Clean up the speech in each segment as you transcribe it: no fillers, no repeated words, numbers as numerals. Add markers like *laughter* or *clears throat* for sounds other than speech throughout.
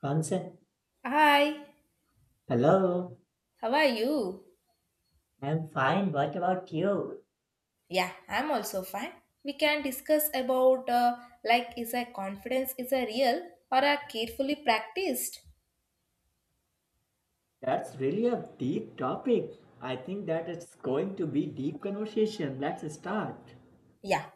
Consent. Hi, Hello, how are you? I'm fine. What about you? Yeah, I'm also fine. We can discuss about like is a confidence is a real or a carefully practiced? That's really a deep topic. I think that it's going to be deep conversation. Let's start. Yeah,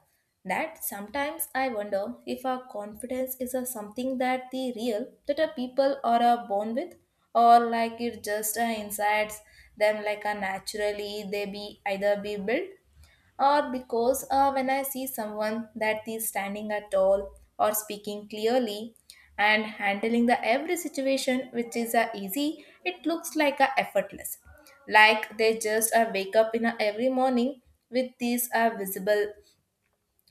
that sometimes I wonder if our confidence is a something that the real that a people are born with or like it just insides them like a naturally they be either be built or because when I see someone that is standing at all or speaking clearly and handling the every situation which is a easy, it looks like a effortless. Like they just wake up in a every morning with these visible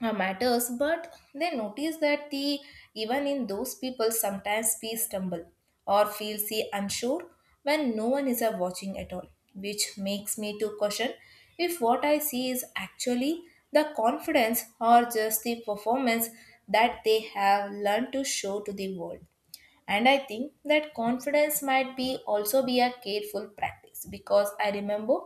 matters, but they notice that the even in those people sometimes we stumble or feel see unsure when no one is watching at all, which makes me to question if what I see is actually the confidence or just the performance that they have learned to show to the world. And I think that confidence might be also be a careful practice because I remember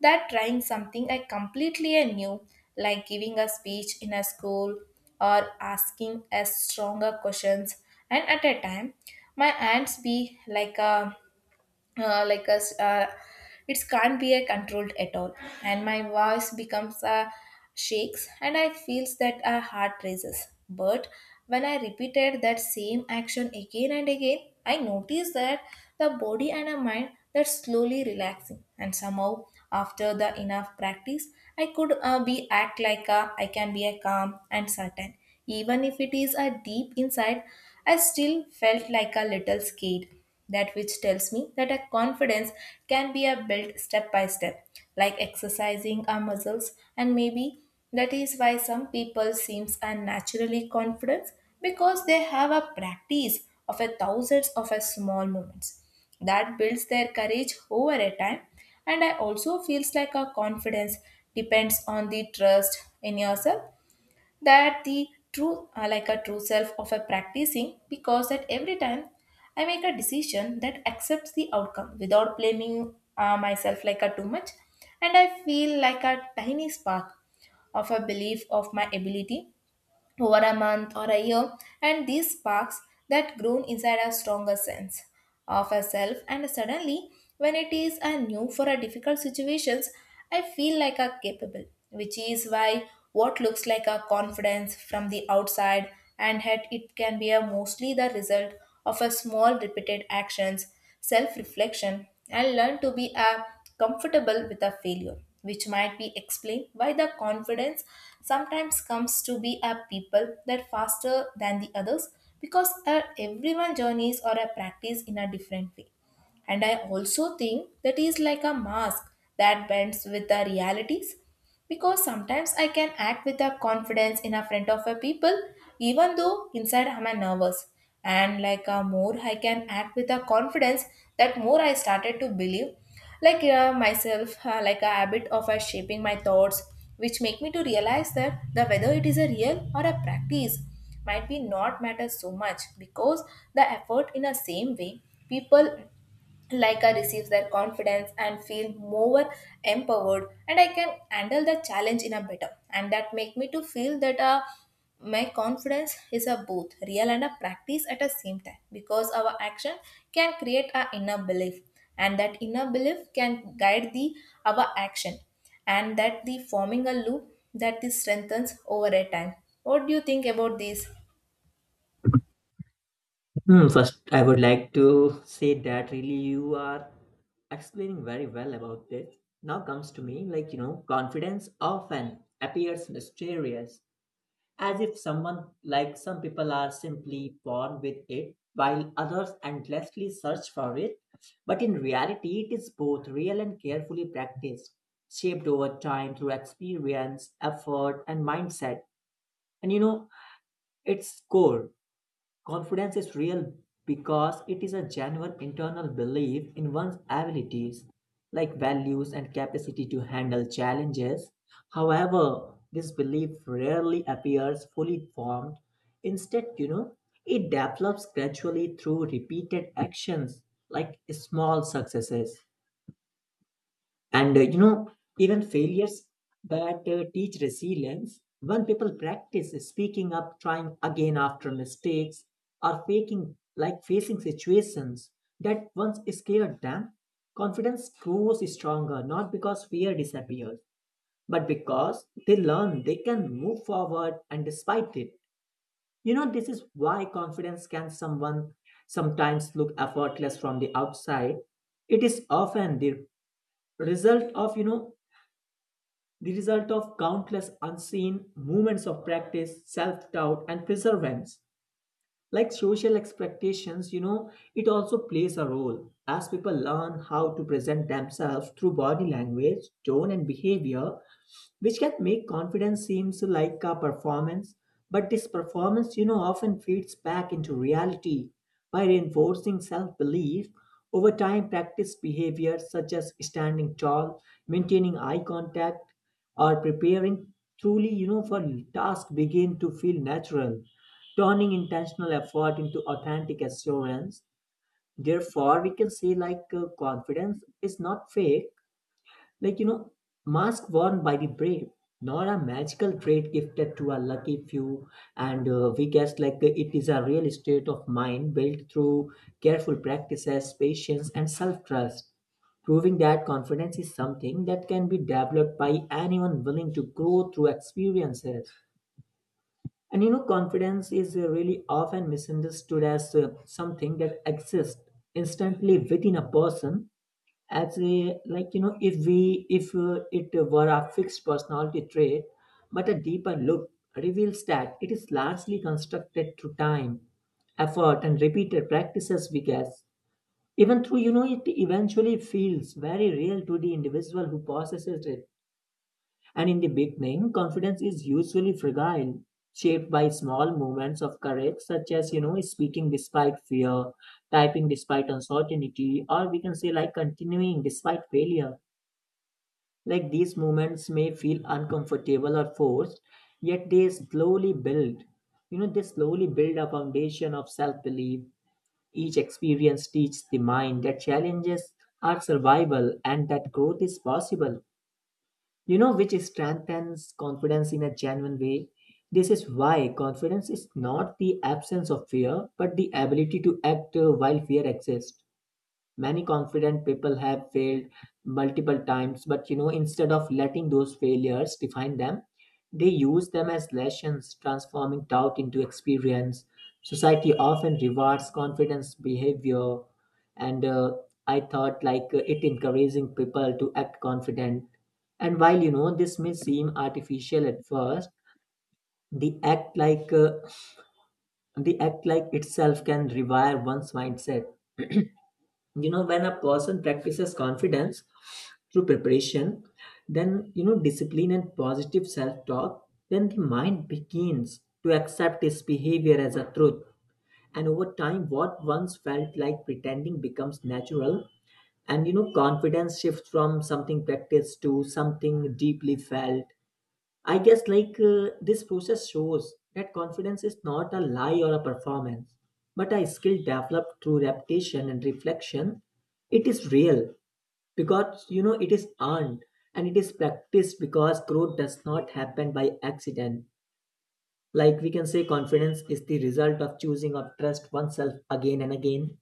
that trying something I completely knew, like giving a speech in a school or asking a stronger questions. And at a time my hands be like a like us it can't be a controlled at all, and my voice becomes shakes and I feels that a heart raises. But when I repeated that same action again and again, I noticed that the body and the mind that slowly relaxing, and somehow after the enough practice I could be act like a, I can be a calm and certain even if it is a deep inside. I still felt like a little scared, that which tells me that a confidence can be a built step by step, like exercising our muscles, and maybe that is why some people seems unnaturally confident because they have a practice of a thousands of a small moments that builds their courage over a time. And I also feels like our confidence depends on the trust in yourself, that the true like a true self of a practicing, because at every time I make a decision that accepts the outcome without blaming myself like a too much, and I feel like a tiny spark of a belief of my ability over a month or a year, and these sparks that grown inside a stronger sense of a self. And suddenly, when it is a new for a difficult situations, I feel like a capable, which is why what looks like a confidence from the outside and yet it can be a mostly the result of a small repeated actions, self reflection, and learn to be comfortable with a failure, which might be explained why the confidence sometimes comes to be a people that faster than the others because everyone journeys or a practice in a different way. And I also think that is like a mask that bends with the realities, because sometimes I can act with a confidence in a front of a people even though inside I'm a nervous, and like a more I can act with a confidence that more I started to believe like myself like a habit of shaping my thoughts, which make me to realize that the whether it is a real or a practice might be not matter so much because the effort in a same way people like I receive their confidence and feel more empowered, and I can handle the challenge in a better, and that make me to feel that my confidence is a both real and a practice at the same time because our action can create our inner belief, and that inner belief can guide the our action, and that the forming a loop that this strengthens over a time. What do you think about this? Hmm, first, I would like to say that really you are explaining very well about this. Now comes to me like you know, confidence often appears mysterious, as if someone like some people are simply born with it while others endlessly search for it, but in reality it is both real and carefully practiced, shaped over time through experience, effort and mindset. And you know, its core. Confidence is real because it is a genuine internal belief in one's abilities, like values and capacity to handle challenges. However, this belief rarely appears fully formed. Instead, you know, it develops gradually through repeated actions, like small successes. And you know, even failures that teach resilience. When people practice speaking up, trying again after mistakes, or faking like facing situations that once scared them, confidence grows stronger, not because fear disappears, but because they learn they can move forward and despite it. You know, this is why confidence can someone sometimes look effortless from the outside. It is often the result of the result of countless unseen moments of practice, self doubt, and perseverance. Like social expectations, you know, it also plays a role as people learn how to present themselves through body language, tone, and behavior, which can make confidence seems like a performance, but this performance you know often feeds back into reality by reinforcing self-belief. Over time, practice behaviors such as standing tall, maintaining eye contact, or preparing truly you know for task begin to feel natural, turning intentional effort into authentic assurance. Therefore, we can say like confidence is not fake, like, you know, mask worn by the brave, not a magical trait gifted to a lucky few. And we guess like it is a real state of mind built through careful practices, patience, and self trust. Proving that confidence is something that can be developed by anyone willing to grow through experiences. And you know, confidence is really often misunderstood as something that exists instantly within a person, as a like you know if it were a fixed personality trait, but a deeper look reveals that it is largely constructed through time, effort and repeated practices, we guess, even through you know it eventually feels very real to the individual who possesses it. And in the beginning, confidence is usually fragile, shaped by small moments of courage, such as, you know, speaking despite fear, typing despite uncertainty, or we can say like continuing despite failure. Like these moments may feel uncomfortable or forced, yet they slowly build. They slowly build a foundation of self belief. Each experience teaches the mind that challenges are survival and that growth is possible, you know, which strengthens confidence in a genuine way. This is why confidence is not the absence of fear but the ability to act while fear exists. Many confident people have failed multiple times, but you know, instead of letting those failures define them, they use them as lessons, transforming doubt into experience. Society often rewards confidence behavior, and I thought like it encouraging people to act confident. And while you know this may seem artificial at first, the act like uh, the act like itself can rewire one's mindset. You know, when a person practices confidence through preparation, then you know discipline and positive self-talk, then the mind begins to accept its behavior as a truth, and over time what once felt like pretending becomes natural, and you know confidence shifts from something practiced to something deeply felt. I guess like this process shows that confidence is not a lie or a performance, but a skill developed through repetition and reflection. It is real because you know it is earned, and it is practiced because growth does not happen by accident. Like we can say, confidence is the result of choosing or trust oneself again and again,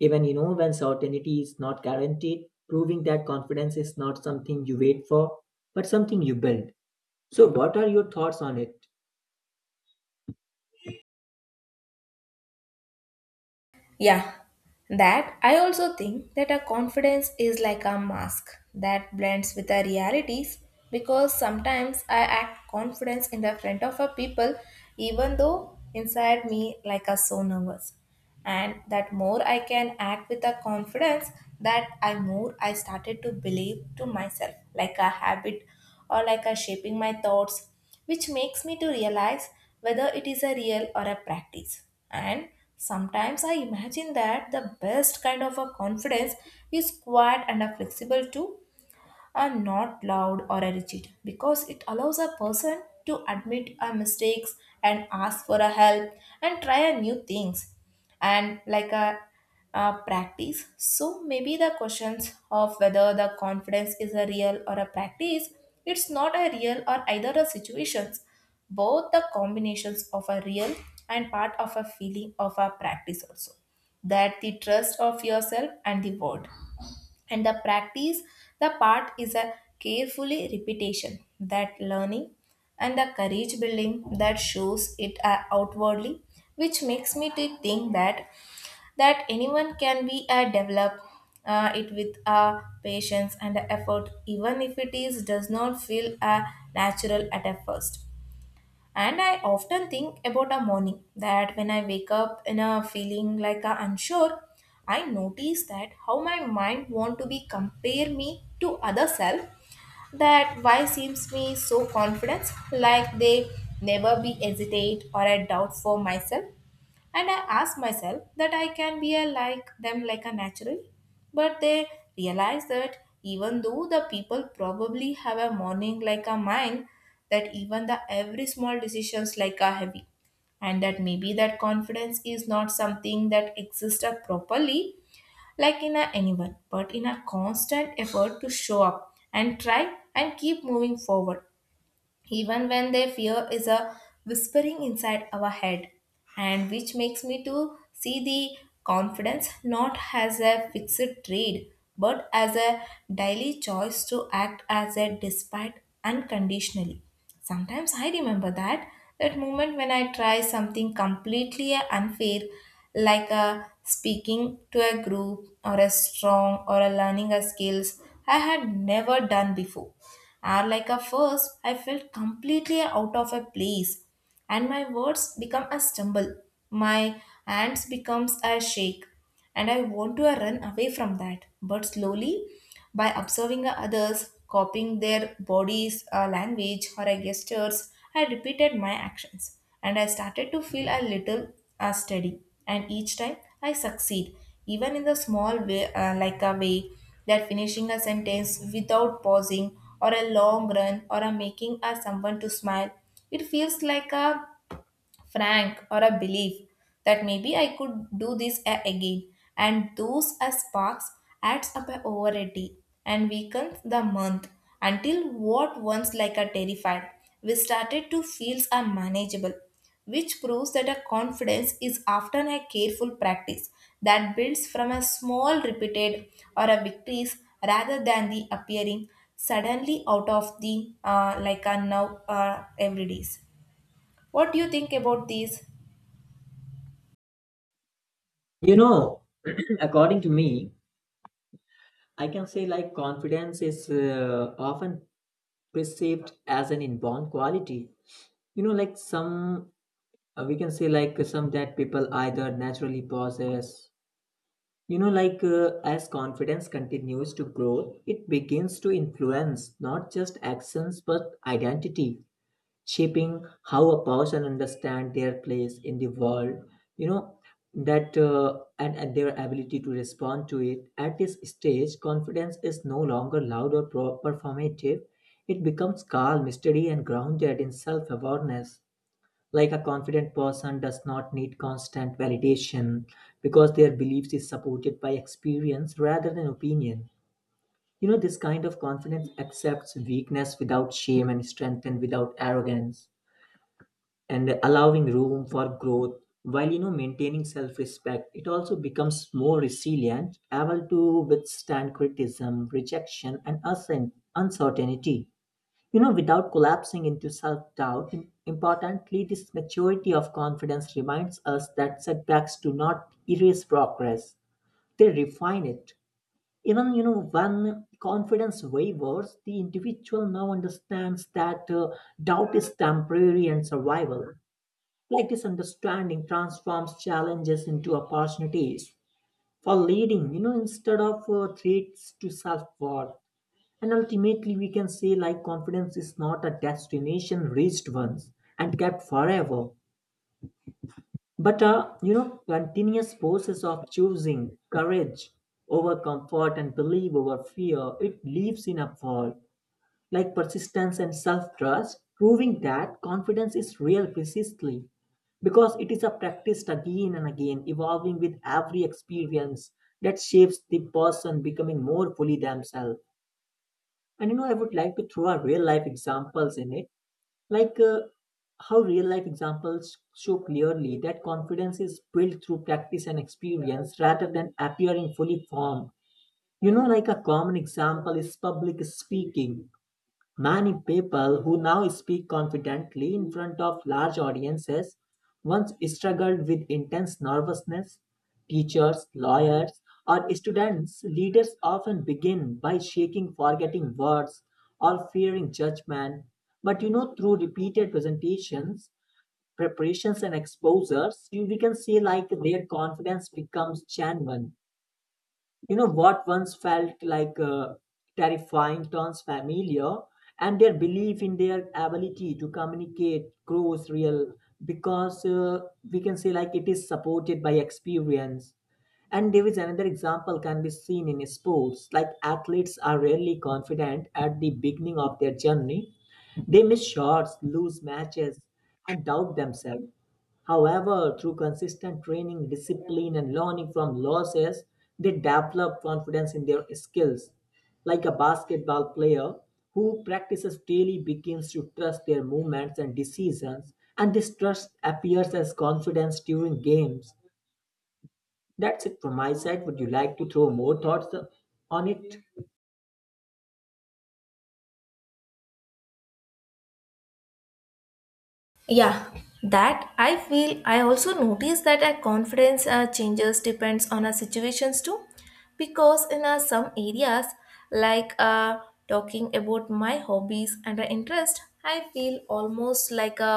even you know when certainty is not guaranteed, proving that confidence is not something you wait for, but something you build. So, what are your thoughts on it? Yeah, that I also think that a confidence is like a mask that blends with our realities because sometimes I act confidence in the front of a people even though inside me like a so nervous. And that more I can act with a confidence that I more I started to believe to myself like a habit or like a shaping my thoughts, which makes me to realize whether it is a real or a practice. And sometimes I imagine that the best kind of a confidence is quiet and a flexible too, are not loud or rigid, because it allows a person to admit our mistakes and ask for a help and try a new things and like a practice. So maybe the questions of whether the confidence is a real or a practice, it's not a real or either a situations, both the combinations of a real and part of a feeling of a practice also, that the trust of yourself and the world and the practice, the part is a carefully repetition that learning and the courage building that shows it outwardly, which makes me to think that anyone can be a develop it with a patience and a effort even if it is does not feel natural at a first. And I often think about a morning that when I wake up in a feeling like a unsure, I notice that how my mind want to be compare me to other self that why seems me so confident, like they never be hesitate or I doubt for myself. And I ask myself that I can be a like them like a natural, but they realize that even though the people probably have a morning like a mine, that even the every small decisions like a heavy, and that maybe that confidence is not something that exists properly like in a anyone but in a constant effort to show up and try and keep moving forward even when their fear is a whispering inside our head, and which makes me to see the confidence not as a fixed trade but as a daily choice to act as a despite unconditionally. Sometimes I remember that moment when I try something completely unfair like a speaking to a group or a strong or a learning a skills I had never done before. And like a first, I felt completely out of a place, and my words become a stumble, my hands becomes a shake, and I want to run away from that. But slowly, by observing the others, copying their bodies, language, or gestures, I repeated my actions, and I started to feel a little steady. And each time I succeed, even in the small way, like a way that finishing a sentence without pausing, or a long run, or a making a someone to smile. It feels like a frank, or a belief that maybe I could do this again. And those as sparks adds up a overity and weakens the month until what once like a terrified, we started to feel are manageable, which proves that a confidence is often a careful practice that builds from a small repeated or a victories rather than the appearing suddenly out of the like a now everydays. What do you think about these? You know, *clears throat* according to me, I can say like confidence is often perceived as an inborn quality. You know, like some, we can say like some that people either naturally possess. You know, like as confidence continues to grow, it begins to influence not just actions but identity, shaping how a person understand their place in the world, you know, that and their ability to respond to it. At this stage confidence is no longer performative. It becomes calm, steady and grounded in self-awareness. Like a confident person does not need constant validation because their beliefs is supported by experience rather than opinion. You know, this kind of confidence accepts weakness without shame and strength and without arrogance, and allowing room for growth while you know maintaining self-respect. It also becomes more resilient, able to withstand criticism, rejection and uncertainty, you know, without collapsing into self-doubt. Im- Importantly, this maturity of confidence reminds us that setbacks do not erase progress, they refine it. Even you know when confidence wavers, the individual now understands that doubt is temporary and survival. Like this understanding transforms challenges into opportunities for leading, you know, instead of threats to self-worth. And ultimately we can say like confidence is not a destination reached once and kept forever, but a you know continuous process of choosing courage over comfort and belief over fear. It lives in a world like persistence and self trust, proving that confidence is real precisely because it is a practice again and again, evolving with every experience that shapes the person becoming more fully themselves. And you know, I would like to throw our real life examples in it, like how real life examples show clearly that confidence is built through practice and experience rather than appearing fully formed. You know, like a common example is public speaking. Many people who now speak confidently in front of large audiences once struggled with intense nervousness. Teachers, lawyers, or students, leaders often begin by shaking, forgetting words, or fearing judgment. But you know, through repeated presentations, preparations, and exposures, you we can see like their confidence becomes genuine. You know, what once felt like terrifying turns familiar, and their belief in their ability to communicate grows real because we can say like it is supported by experience. And there is another example can be seen in sports, like athletes are rarely confident at the beginning of their journey. They miss shots, lose matches, and doubt themselves. However, through consistent training, discipline, and learning from losses, they develop confidence in their skills. Like a basketball player who practices daily begins to trust their movements and decisions, and this trust appears as confidence during games. That's it from my side. Would you like to throw more thoughts on it? Yeah, that I feel. I also notice that our confidence changes depends on our situations too, because in some areas, like talking about my hobbies and interest, I feel almost like a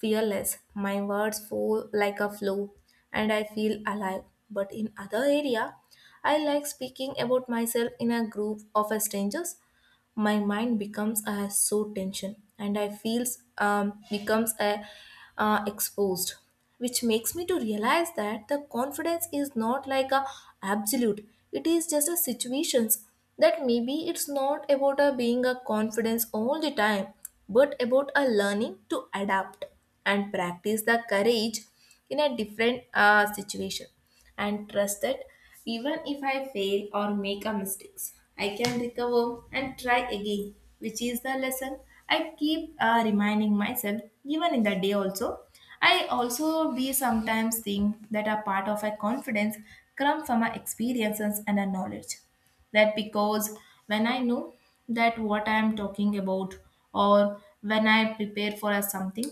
fearless. My words fall like a flow, and I feel alive. But in other area, I like speaking about myself in a group of strangers, my mind becomes a so tension and I feels becomes a exposed, which makes me to realize that the confidence is not like a absolute, it is just a situations, that maybe it's not about a being a confidence all the time but about a learning to adapt and practice the courage in a different situation and trust that even if I fail or make a mistakes, I can recover and try again, which is the lesson I keep reminding myself even in the day also. I also be sometimes think that a part of a confidence comes from my experiences and a knowledge, that because when I know that what I am talking about or when I prepare for a something,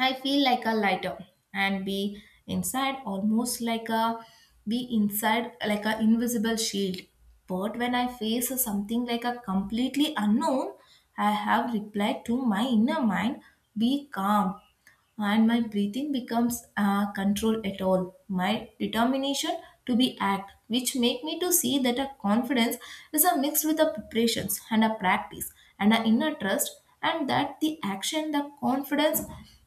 I feel like a lighter and be inside almost like a be inside like a invisible shield. But when I face something like a completely unknown, I have replied to my inner mind, be calm, and my breathing becomes control at all my determination to be act, which make me to see that a confidence is a mix with a preparations and a practice and an inner trust, and that the action the confidence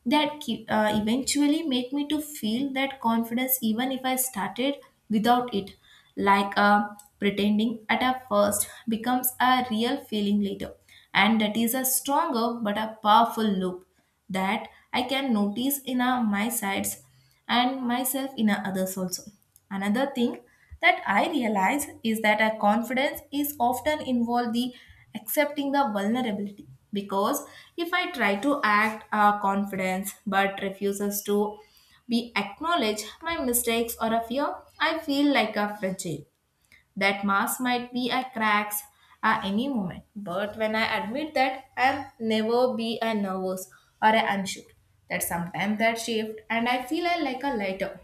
that keep, eventually make me to feel that confidence even if I started without it, like pretending at a first becomes a real feeling later, and that is a stronger but a powerful loop that I can notice in a, my sides and myself in a others also. Another thing that I realize is that a confidence is often involved the accepting the vulnerability, because if I try to act a confidence but refuses to be acknowledged my mistakes or a fear, I feel like a fragile that mask might be a cracks at any moment. But when I admit that I'll never be a nervous or a unsure, that sometimes that shift and I feel like a lighter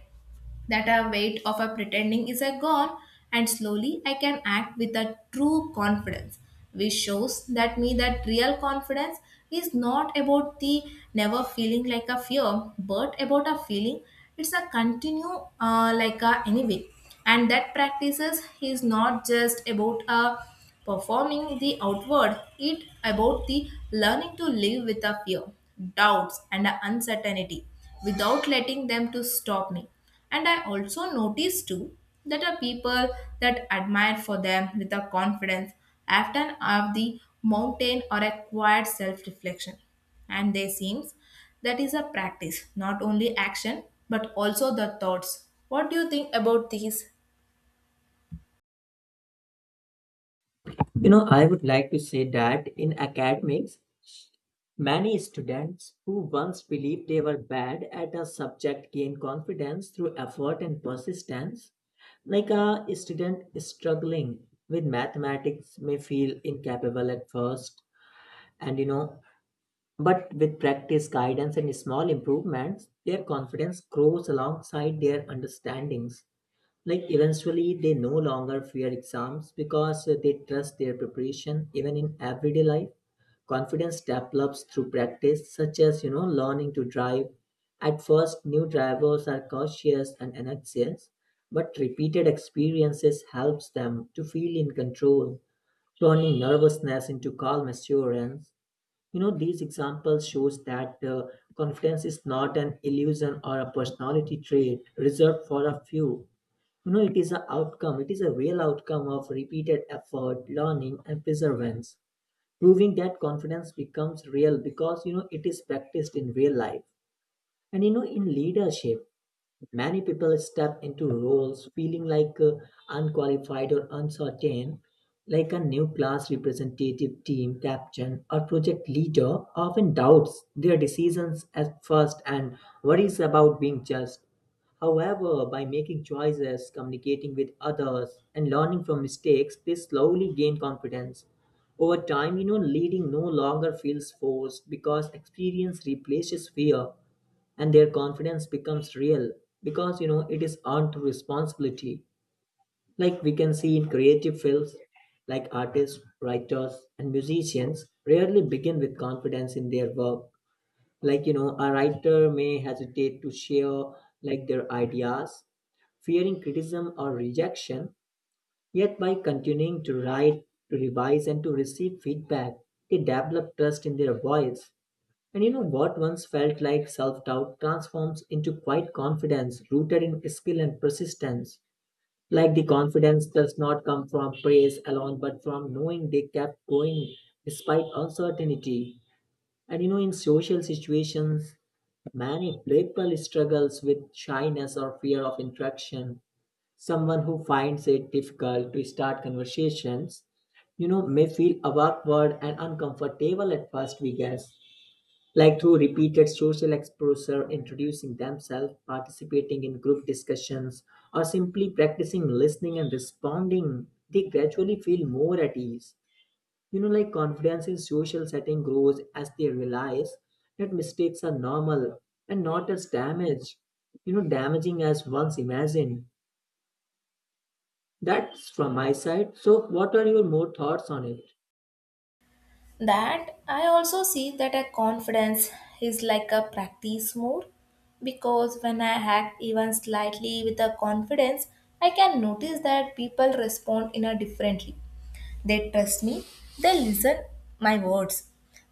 that a weight of a pretending is a gone, and slowly I can act with a true confidence, which shows that me that real confidence is not about the never feeling like a fear but about a feeling it's a continue like a anyway, and that practices is not just about a performing the outward, it about the learning to live with a fear, doubts and a uncertainty without letting them to stop me. And I also notice too that are people that admire for them with a confidence often have the mountain or a quiet self-reflection. And they seems that is a practice, not only action but also the thoughts. What do you think about these? You know, I would like to say that in academics, many students who once believed they were bad at a subject gain confidence through effort and persistence. Like a student struggling with mathematics may feel incapable at first, and you know, but with practice, guidance, and small improvements, their confidence grows alongside their understandings. Like eventually, they no longer fear exams because they trust their preparation. Even in everyday life, confidence develops through practice, such as you know learning to drive. At first, new drivers are cautious and anxious, but repeated experiences helps them to feel in control, turning nervousness into calm assurance. You know, these examples shows that confidence is not an illusion or a personality trait reserved for a few. You know, it is a outcome, it is a real outcome of repeated effort, learning, and perseverance, proving that confidence becomes real because, you know, it is practiced in real life. And, you know, in leadership, many people step into roles feeling like unqualified or uncertain, like a new class representative, team captain, or project leader often doubts their decisions at first and worries about being judged. However, by making choices, communicating with others, and learning from mistakes, they slowly gain confidence. Over time, you know, leading no longer feels forced because experience replaces fear and their confidence becomes real because you know it is earned responsibility. Like we can see in creative fields like artists, writers and musicians rarely begin with confidence in their work. Like you know a writer may hesitate to share like their ideas, fearing criticism or rejection, yet by continuing to write, to revise and to receive feedback, they develop trust in their voice. And you know what once felt like self doubt transforms into quiet confidence rooted in skill and persistence. Like the confidence does not come from praise alone, but from knowing they kept going despite uncertainty. And you know, in social situations, many people struggles with shyness or fear of interaction. Someone who finds it difficult to start conversations, you know, may feel awkward and uncomfortable at first, we guess, like through repeated social exposure, introducing themselves, participating in group discussions, or simply practicing listening and responding, they gradually feel more at ease. You know, like confidence in social setting grows as they realize that mistakes are normal and not as damage, you know, damaging as once imagined. That's from my side. So, what are your more thoughts on it? That I also see that a confidence is like a practice more, because when I act even slightly with a confidence, I can notice that people respond in a differently. They trust me, they listen my words,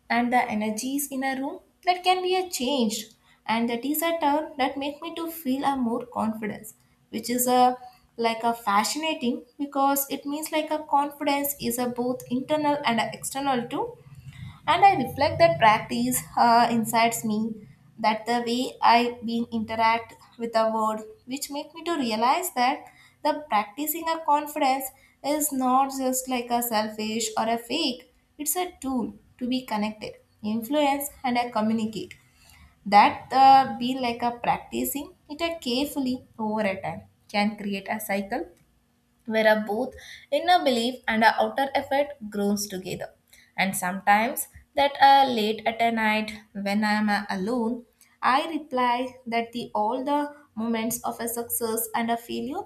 and the energies in a room that can be a changed, and that is a term that make me to feel a more confidence, which is a like a fascinating, because it means like a confidence is a both internal and a external too. And I reflect that practice incites me that the way I been interact with the world, which make me to realize that the practicing a confidence is not just like a selfish or a fake. It's a tool to be connected, influence, and communicate. That be like a practicing it carefully over a time can create a cycle where our both inner belief and our outer effort grows together. And sometimes that late at a night when I am alone, I reply that the all the moments of a success and a failure,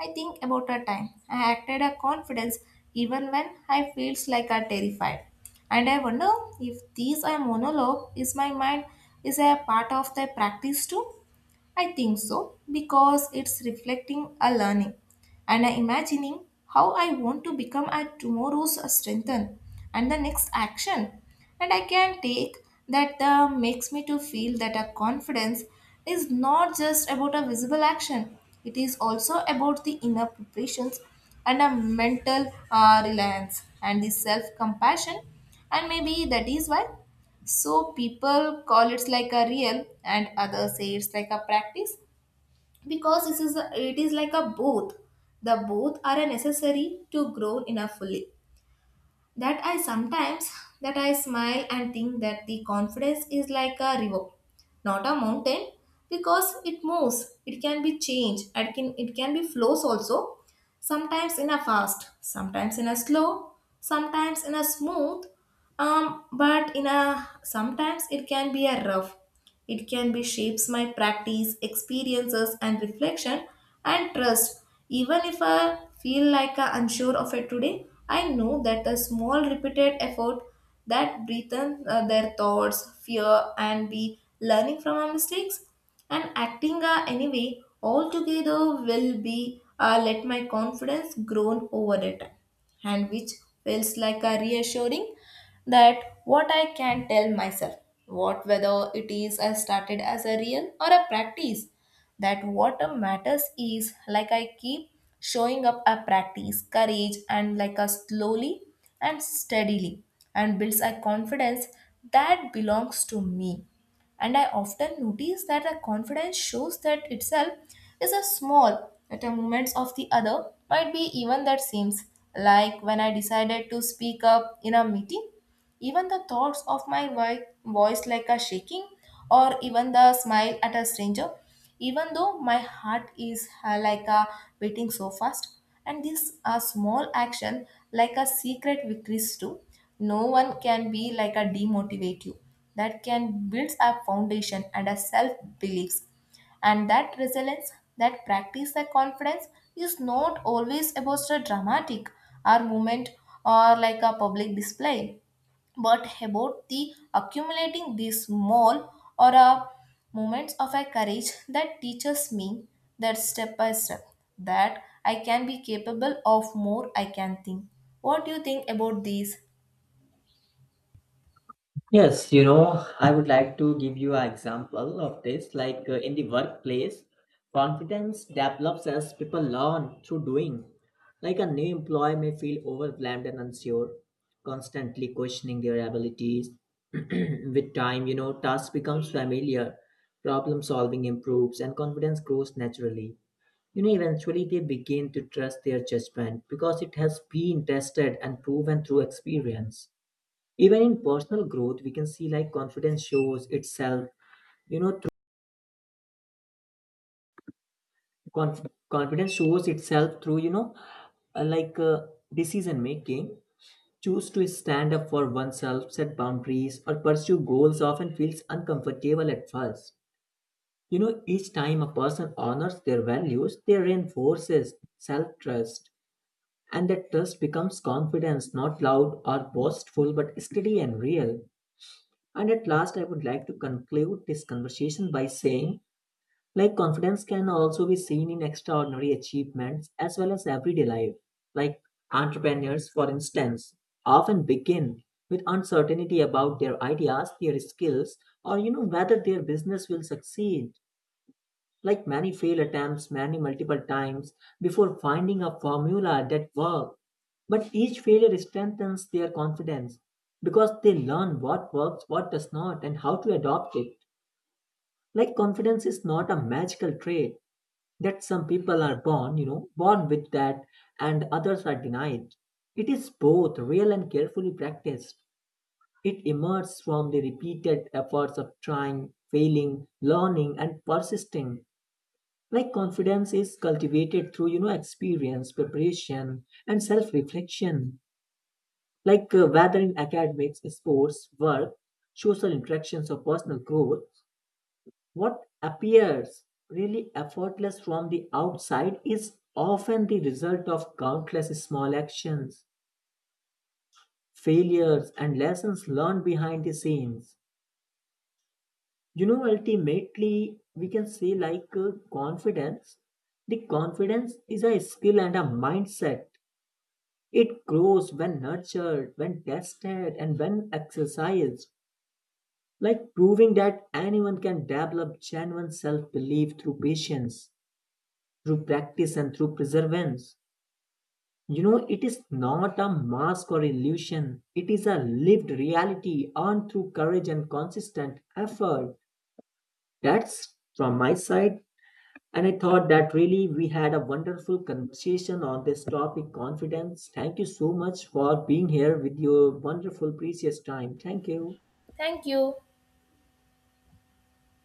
I think about a time I acted a confidence even when I feels like I terrified. And I wonder if these are monologue is my mind is a part of the practice too. I think so, because it's reflecting a learning and a imagining how I want to become at tomorrow's strengthen and the next action. And I can take that makes me to feel that a confidence is not just about a visible action. It is also about the inner preparations and a mental reliance and the self-compassion, and maybe that is why so people call it's like a real, and others say it's like a practice, because this is a, it is like a both. The both are a necessary to grow in a fully. That I sometimes that I smile and think that the confidence is like a river, not a mountain, because it moves. It can be changed. It can be flows also, sometimes in a fast, sometimes in a slow, sometimes in a smooth, um but in a sometimes it can be a rough. It can be shapes my practice experiences and reflection and trust. Even if I feel like I unsure of it today, I know that the small repeated effort that breathe in their thoughts, fear and be learning from our mistakes and acting anyway altogether will be let my confidence grow over it, and which feels like a reassuring, that what I can tell myself, what whether it is I started as a real or a practice, that what matters is like I keep showing up a practice, courage, and like a slowly and steadily, and builds a confidence that belongs to me. And I often notice that a confidence shows that itself is a small, that a movements of the other might be even that seems, like when I decided to speak up in a meeting even the thoughts of my voice, like a shaking, or even the smile at a stranger, even though my heart is like a beating so fast. And these are small action, like a secret victories too. No one can be like a demotivate you. That can build a foundation and a self beliefs and that resilience, that practice the confidence is not always about a dramatic or movement or like a public display, but about the accumulating these small or moments of a courage that teaches me that step by step that I can be capable of more I can think. What do you think about these? Yes, you know, I would like to give you an example of this. Like in the workplace, confidence develops as people learn through doing. Like a new employee may feel overwhelmed and unsure, constantly questioning their abilities. *clears throat* With time, you know, tasks becomes familiar, problem solving improves, and confidence grows naturally. You know, eventually they begin to trust their judgment because it has been tested and proven through experience. Even in personal growth, we can see like confidence shows itself, you know, through conf- confidence shows itself through, you know, uh, like uh, decision making. Choose to stand up for oneself, set boundaries, or pursue goals often feels uncomfortable at first. You know, each time a person honors their values, they reinforces self trust. And that trust becomes confidence, not loud or boastful, but steady and real. And at last, I would like to conclude this conversation by saying, like, confidence can also be seen in extraordinary achievements as well as everyday life. Like, entrepreneurs, for instance, often begin with uncertainty about their ideas, their skills, or, you know, whether their business will succeed. Like many fail attempts many multiple times before finding a formula that works. But each failure strengthens their confidence because they learn what works, what does not, and how to adopt it. Like confidence is not a magical trait that some people are born with that and others are denied. It is both real and carefully practiced. It emerges from the repeated efforts of trying, failing, learning, and persisting. Like confidence is cultivated through you know experience, preparation and self reflection. Like whether in academics, sports, work, social interactions or personal growth, what appears really effortless from the outside is often the result of countless small actions, failures and lessons learned behind the scenes. You know, ultimately we can say like confidence the confidence is a skill and a mindset. It grows when nurtured, when tested, and when exercised, like proving that anyone can develop genuine self belief through patience, through practice, and through perseverance. You know, it is not a mask or illusion, it is a lived reality earned through courage and consistent effort. That's from my side. And I thought that really we had a wonderful conversation on this topic confidence. Thank you so much for being here with your wonderful, precious time. Thank you. Thank you.